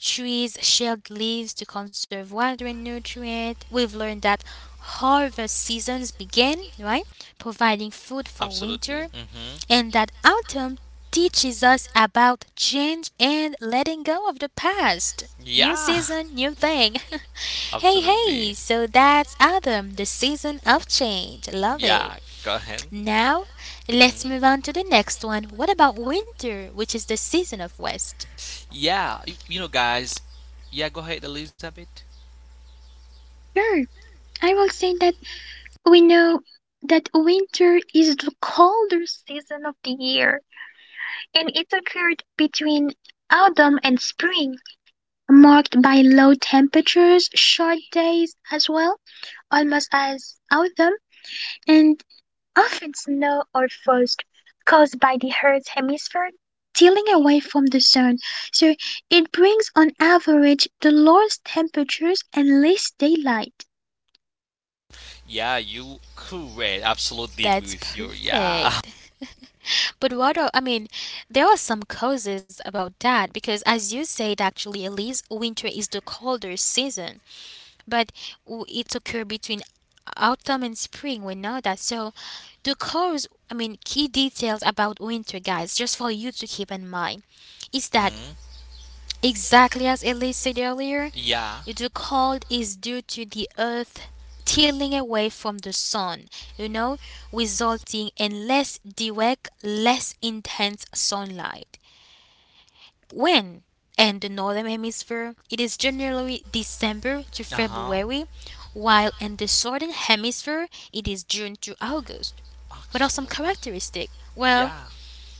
A: trees shed leaves to conserve water and nutrient. We've learned that harvest seasons begin, right? Providing food for winter
C: Absolutely. Mm-hmm.
A: and that autumn teaches us about change and letting go of the past. New
C: Yeah.
A: season, new thing. Hey,
C: Absolutely.
A: hey, so that's autumn, the season of change. Love it.
C: Yeah, go ahead.
A: Now,
C: Mhm.
A: let's move on to the next one. What about winter, which is the season of rest?
C: Yeah, you know, guys. Yeah, go ahead, Elizabeth.
B: Sure, I will say that we know that winter is the colder season of the year, and it occurred between autumn and spring, marked by low temperatures, short days as well, almost as autumn, and often snow or frost caused by the Earth's hemisphere tilling away from the sun. So it brings on average the lowest temperatures and least daylight.
C: Yeah, you correct. Absolutely agree
A: That's
C: with you. Yeah.
A: perfect. But what are, I mean, there are some causes about that because, as you said, actually, Elise, winter is the colder season. But it occurred between autumn and spring. We know that. So the cause, I mean, key details about winter, guys, just for you to keep in mind, is that
C: Hmm.
A: exactly as Elise said earlier,
C: Yeah.
A: the cold is due to the earth tilling away from the sun, you know, resulting in less direct, less intense sunlight. When in the northern hemisphere, it is generally December to
C: Uh huh.
A: February, while in the southern hemisphere, it is June to August. What are some
C: Absolutely.
A: characteristics? Well,
C: Yeah.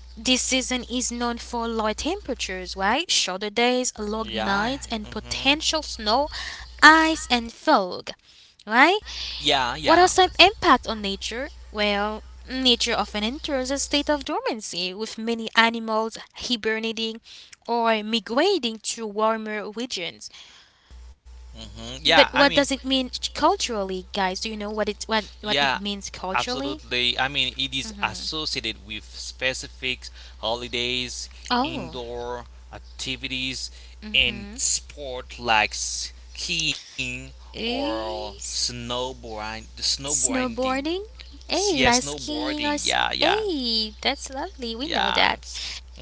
A: this season is known for low temperatures, right? Shorter days, long
C: Yeah.
A: nights, and
C: Mm-hmm.
A: potential snow, ice, and fog, right?
C: Yeah.
A: What
C: Yeah.
A: has time impact on nature? Well, nature often enters a state of dormancy, with many animals hibernating or migrating to warmer regions.
C: Hmm. Yeah,
A: But
C: I
A: what
C: mean,
A: does it mean culturally, guys? Do you know what it what
C: yeah,
A: it means culturally?
C: absolutely. I mean, it is associated with specific holidays,
A: Oh,
C: indoor activities, and
A: hmm.
C: sport like skiing or
A: Is
C: snowboarding.
A: snowboarding?
C: Yeah,
A: Hey, like
C: snowboarding.
A: skiing or
C: Yeah, yeah,
A: hey, that's lovely. We know
C: yeah.
A: that.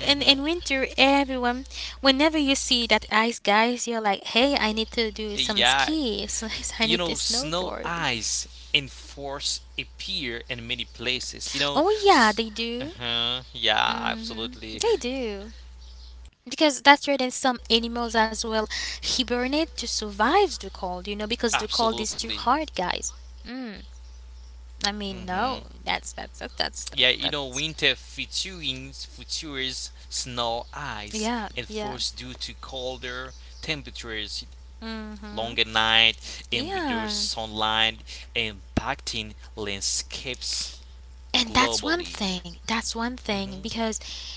A: And in winter, everyone, whenever you see that ice, guys, you're like, hey, I need to do some
C: Yeah,
A: skis. I
C: you
A: need to
C: know, snow
A: snowboard.
C: eyes and force appear in many places. You know,
A: Oh yeah, they do.
C: uh-huh, yeah,
A: Mm-hmm.
C: absolutely,
A: They do. Because that's where then some animals as well hibernate to survive the cold, you know, because the cold is too
C: absolutely.
A: hard, guys. Mm. I mean,
C: Hmm.
A: no, that's that's that's that's
C: Yeah,
A: that's,
C: you know,
A: that's
C: winter features snow eyes
A: yeah,
C: and
A: yeah.
C: force due to colder temperatures,
A: Mm-hmm.
C: longer night, and reduced
A: Yeah.
C: sunlight, impacting landscapes
A: And that's one
C: globally.
A: thing. That's one thing
C: Hmm.
A: because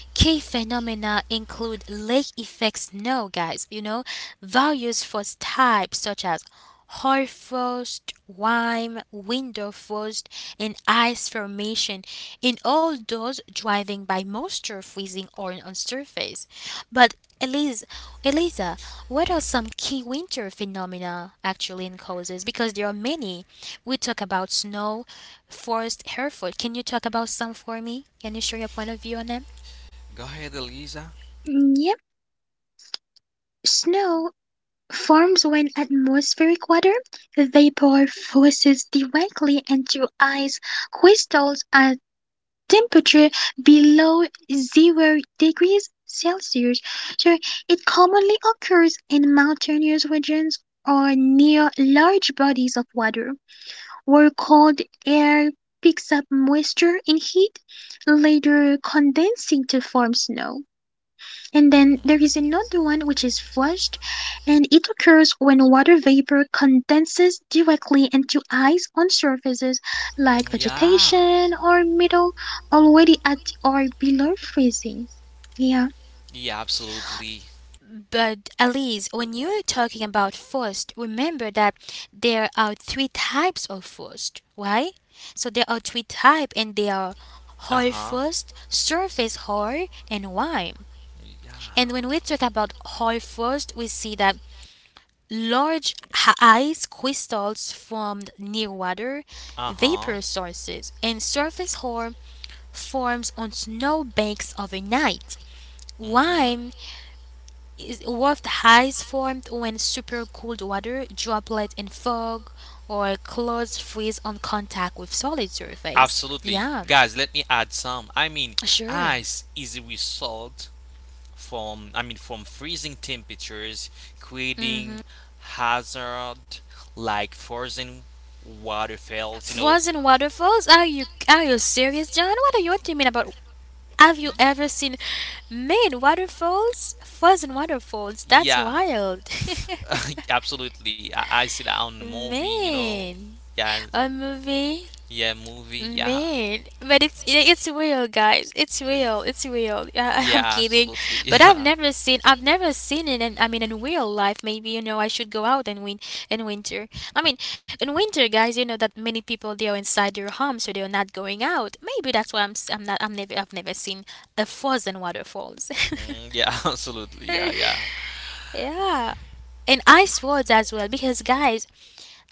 A: key phenomena include lake effect snow, guys. You know, values for types such as hoar frost, wine, window frost, and ice formation. In all those cause driving by moisture freezing or on surface. But Elise, Elisa, what are some key winter phenomena actually in causes? Because there are many. We talk about snow, forest, Hereford. Can you talk about some for me? Can you share your point of view on them?
C: Go ahead, Elisa.
B: Mm, yep, snow forms when atmospheric water vapor forces directly into ice crystals as temperature below 0 degrees Celsius, so it commonly occurs in mountainous regions or near large bodies of water, where cold air picks up moisture and heat, later condensing to form snow. And then there is another one which is flushed, and it occurs when water vapor condenses directly into ice on surfaces like
C: Yeah.
B: vegetation or metal already at or below freezing. Yeah.
C: Yeah, absolutely.
A: But Elise, when you're talking about frost, remember that there are three types of frost, right? So there are three types, and they are
C: Uh
A: hard
C: huh.
A: frost, surface hard, and wine. And
C: Yeah.
A: when we talk about Hoi first, we see that large ice crystals formed near water,
C: Uh huh.
A: vapor sources, and surface Hoi forms on snow banks overnight.
C: Mm-hmm.
A: Wime is warped ice formed when super cold water, droplets in fog, or clouds freeze on contact with solid surface.
C: Absolutely.
A: Yeah,
C: Guys, let me add some. I mean,
A: sure.
C: ice is a result from, I mean, from freezing temperatures
A: Mm-hmm.
C: creating hazard like frozen waterfalls, you know.
A: Floods and waterfalls? Are you serious, John? What are you what do you mean about have you
C: Y-
A: ever seen man waterfalls? Floods and waterfalls. That's
C: Yeah,
A: wild.
C: absolutely. I see that on the movie, you know.
A: Man.
C: Yeah,
A: A movie.
C: yeah, movie. Yeah,
A: Man, but it's real, guys. It's
C: uh,
A: real. It's real. I, I'm
C: yeah,
A: kidding,
C: absolutely.
A: but I've never seen it. In, I mean, in real life, maybe you know I should go out and win in winter. I mean, in winter, guys, you know that many people they are inside their home, so they're not going out. Maybe that's why I'm s- I'm not I'm never I've never seen a frozen waterfalls.
C: Yeah, mhm, yeah, absolutely. Yeah, yeah.
A: Yeah, and ice roads as well, because guys,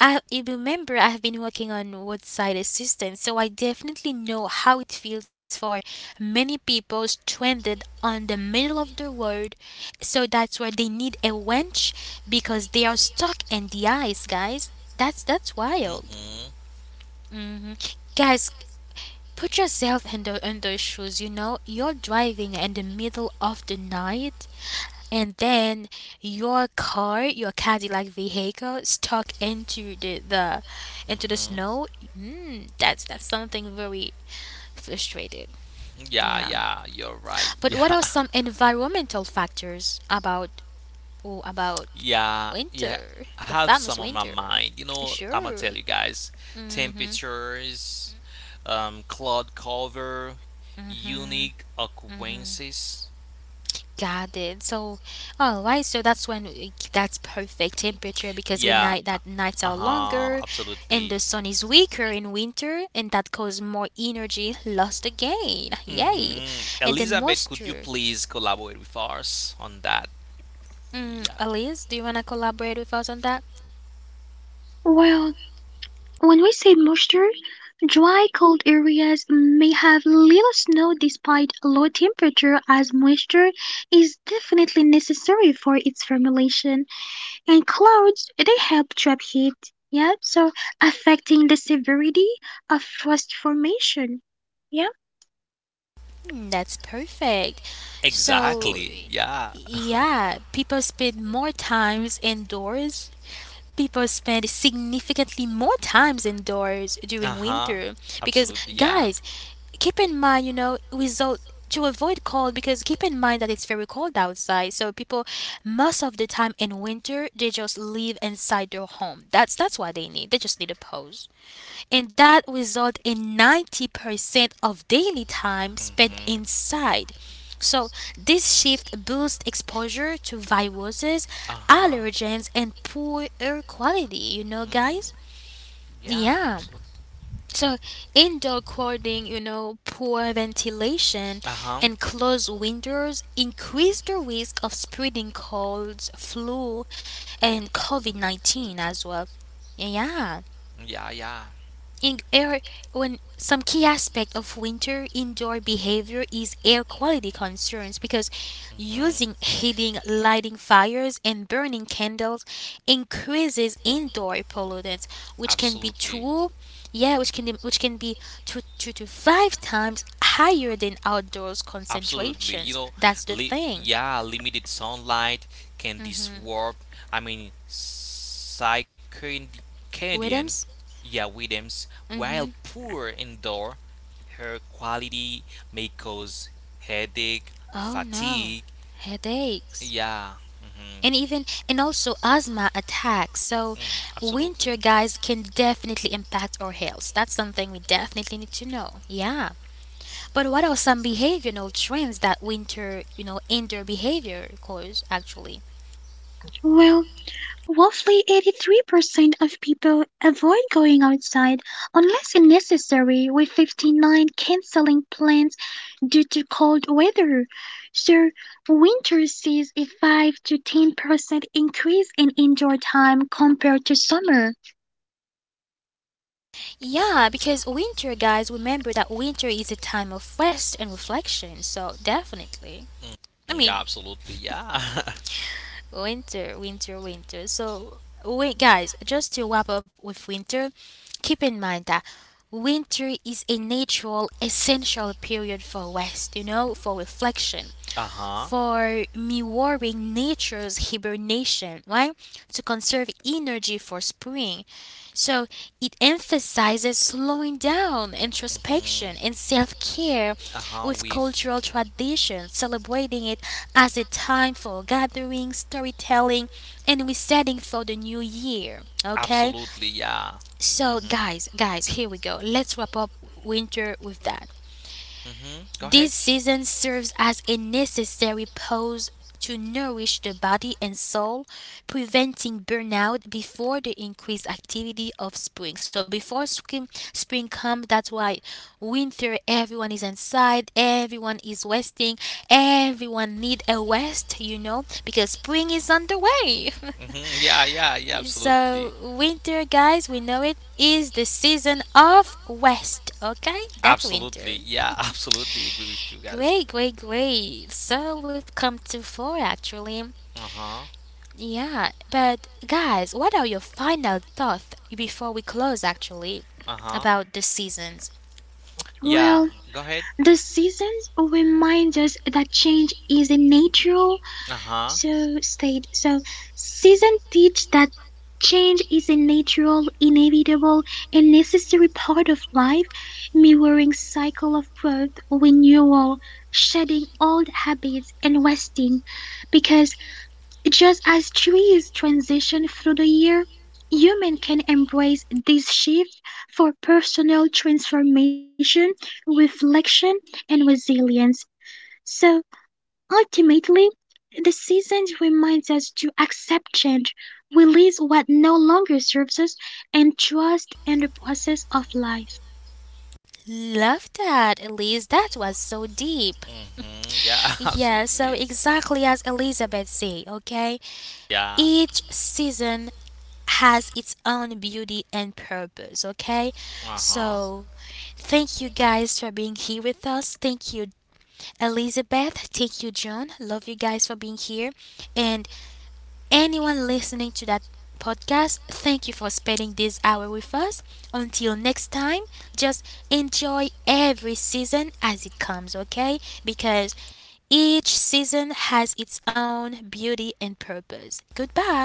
A: I you remember I've been working on roadside assistance, so I definitely know how it feels for many people stranded on the middle of the road. So that's where they need a winch because they are stuck in the ice, guys. That's wild.
C: Mhm,
A: Hmm. Guys, put yourself in the in those shoes. You know, you're driving in the middle of the night and then your car, your Cadillac vehicle, stuck into the into the
C: mhm.
A: snow. Mm, that's something very frustrated.
C: Yeah,
A: Yeah.
C: yeah. You're right.
A: But what
C: Yeah.
A: are some environmental factors about oh, about
C: Yeah, yeah,
A: winter,
C: I
A: the
C: have
A: famous
C: some on my
A: winter?
C: mind. You know, I'm gonna
A: Sure.
C: tell you guys temperatures, cloud cover, unique occurrences.
A: Got it. So, all right. So that's when that's perfect temperature because we
C: Yeah.
A: night that
C: Uh
A: nights are
C: huh.
A: longer,
C: Absolutely.
A: and the sun is weaker in winter, and that causes more energy lost again. Yay!
C: Mm-hmm.
A: And then
C: Elizabeth, could you
A: moisture.
C: please collaborate with us on that?
A: Mm,
C: Yeah.
A: Elise, do you wanna collaborate with us on that?
B: Well, when we say moisture, dry, cold areas may have little snow despite low temperature, as moisture is definitely necessary for its formulation. And clouds, they help trap heat, yeah, so affecting the severity of frost formation. Yeah,
A: Mm, that's perfect. So,
C: Exactly. Yeah.
A: yeah, people spend significantly more times indoors
C: Uh
A: during
C: huh.
A: winter because
C: Absolutely. Yeah.
A: guys keep in mind you know without to avoid cold because keep in mind that it's very cold outside so people most of the time in winter they just live inside their home that's what they need they just need a pause and that result in 90% of daily time spent
C: Mm-hmm.
A: inside. So, this shift boosts exposure to viruses,
C: Uh-huh.
A: allergens, and poor air quality, you know,
C: Mm-hmm.
A: guys?
C: Yeah,
A: Yeah.
C: absolutely.
A: So, indoor crowding, you know, poor ventilation,
C: Uh-huh.
A: and closed windows increase the risk of spreading colds, flu, and COVID 19 as well. Yeah
C: Yeah, yeah.
A: in air when some key aspect of winter indoor behavior is air quality concerns because
C: Mm-hmm.
A: using heating lighting fires and burning candles increases indoor pollutants which can be
C: Absolutely.
A: two yeah which can be two to five times higher than outdoors
C: Absolutely. You
A: concentrations
C: know,
A: that's the thing.
C: yeah, limited sunlight can disrupt, I mean, circadian,
A: Williams
C: yeah, rhythms, while
A: mm-hmm.
C: poor indoor air quality may cause headache,
A: Oh no,
C: fatigue.
A: headaches
C: Yeah. Hmm.
A: and even and also asthma attacks. So
C: Absolutely.
A: winter guys can definitely impact our health. That's something we definitely need to know. Yeah. But what are some behavioral trends that winter, you know, indoor behavior cause actually?
B: well, roughly 83% of people avoid going outside unless it's necessary, with 59 canceling plans due to cold weather. So, winter sees a 5 to 10% increase in indoor time compared to summer.
A: Yeah, because winter guys remember that winter is a time of rest and reflection. So definitely. I
C: Mm, yeah,
A: mean,
C: absolutely. Yeah.
A: winter. So, wait, guys, just to wrap up with winter, keep in mind that winter is a natural, essential period for rest, you know, for reflection,
C: Uh-huh.
A: for mirroring nature's hibernation, right? To conserve energy for spring. So it emphasizes slowing down,
C: Mhm.
A: introspection, and self care
C: Uh-huh.
A: with
C: With
A: cultural traditions, celebrating it as a time for gathering, storytelling, and resetting for the new year. Okay?
C: absolutely, yeah.
A: So,
C: Mhm.
A: guys, here we go. Let's wrap up winter with that.
C: Mhm. Go ahead.
A: This season serves as a necessary pause to nourish the body and soul, preventing burnout before the increased activity of spring. So before spring comes, that's why winter everyone is inside, everyone is resting, everyone need a rest, you know, because spring is on the way.
C: Hmm. Yeah, yeah, yeah, absolutely.
A: So, winter, guys, we know it is the season of rest. Okay? That's
C: Absolutely.
A: winter.
C: Yeah, absolutely agree with you guys.
A: Great. So we've come to four actually.
C: Uh huh.
A: Yeah, but guys, what are your final thoughts before we close actually
C: Uh huh.
A: about the seasons?
C: Yeah,
B: Well,
C: go ahead.
B: the seasons remind us that change is a natural
C: Uh huh.
B: so state. So season teach that change is a natural, inevitable, and necessary part of life, mirroring cycle of growth, renewal, shedding old habits and wasting. Because just as trees transition through the year, humans can embrace this shift for personal transformation, reflection, and resilience. So ultimately, the seasons remind us to accept change, release what no longer serves us, and trust in the process of life.
A: Love that, Elise. That was so deep.
C: Mm-hmm. Yeah,
A: Yeah,
C: absolutely.
A: so exactly as Elizabeth said, okay?
C: Yeah.
A: Each season has its own beauty and purpose, okay?
C: Uh huh.
A: So, thank you guys for being here with us. Thank you, Elizabeth, thank you, John. Love you guys for being here. And anyone listening to that podcast, thank you for spending this hour with us. Until next time, just enjoy every season as it comes, okay? Because each season has its own beauty and purpose. Goodbye.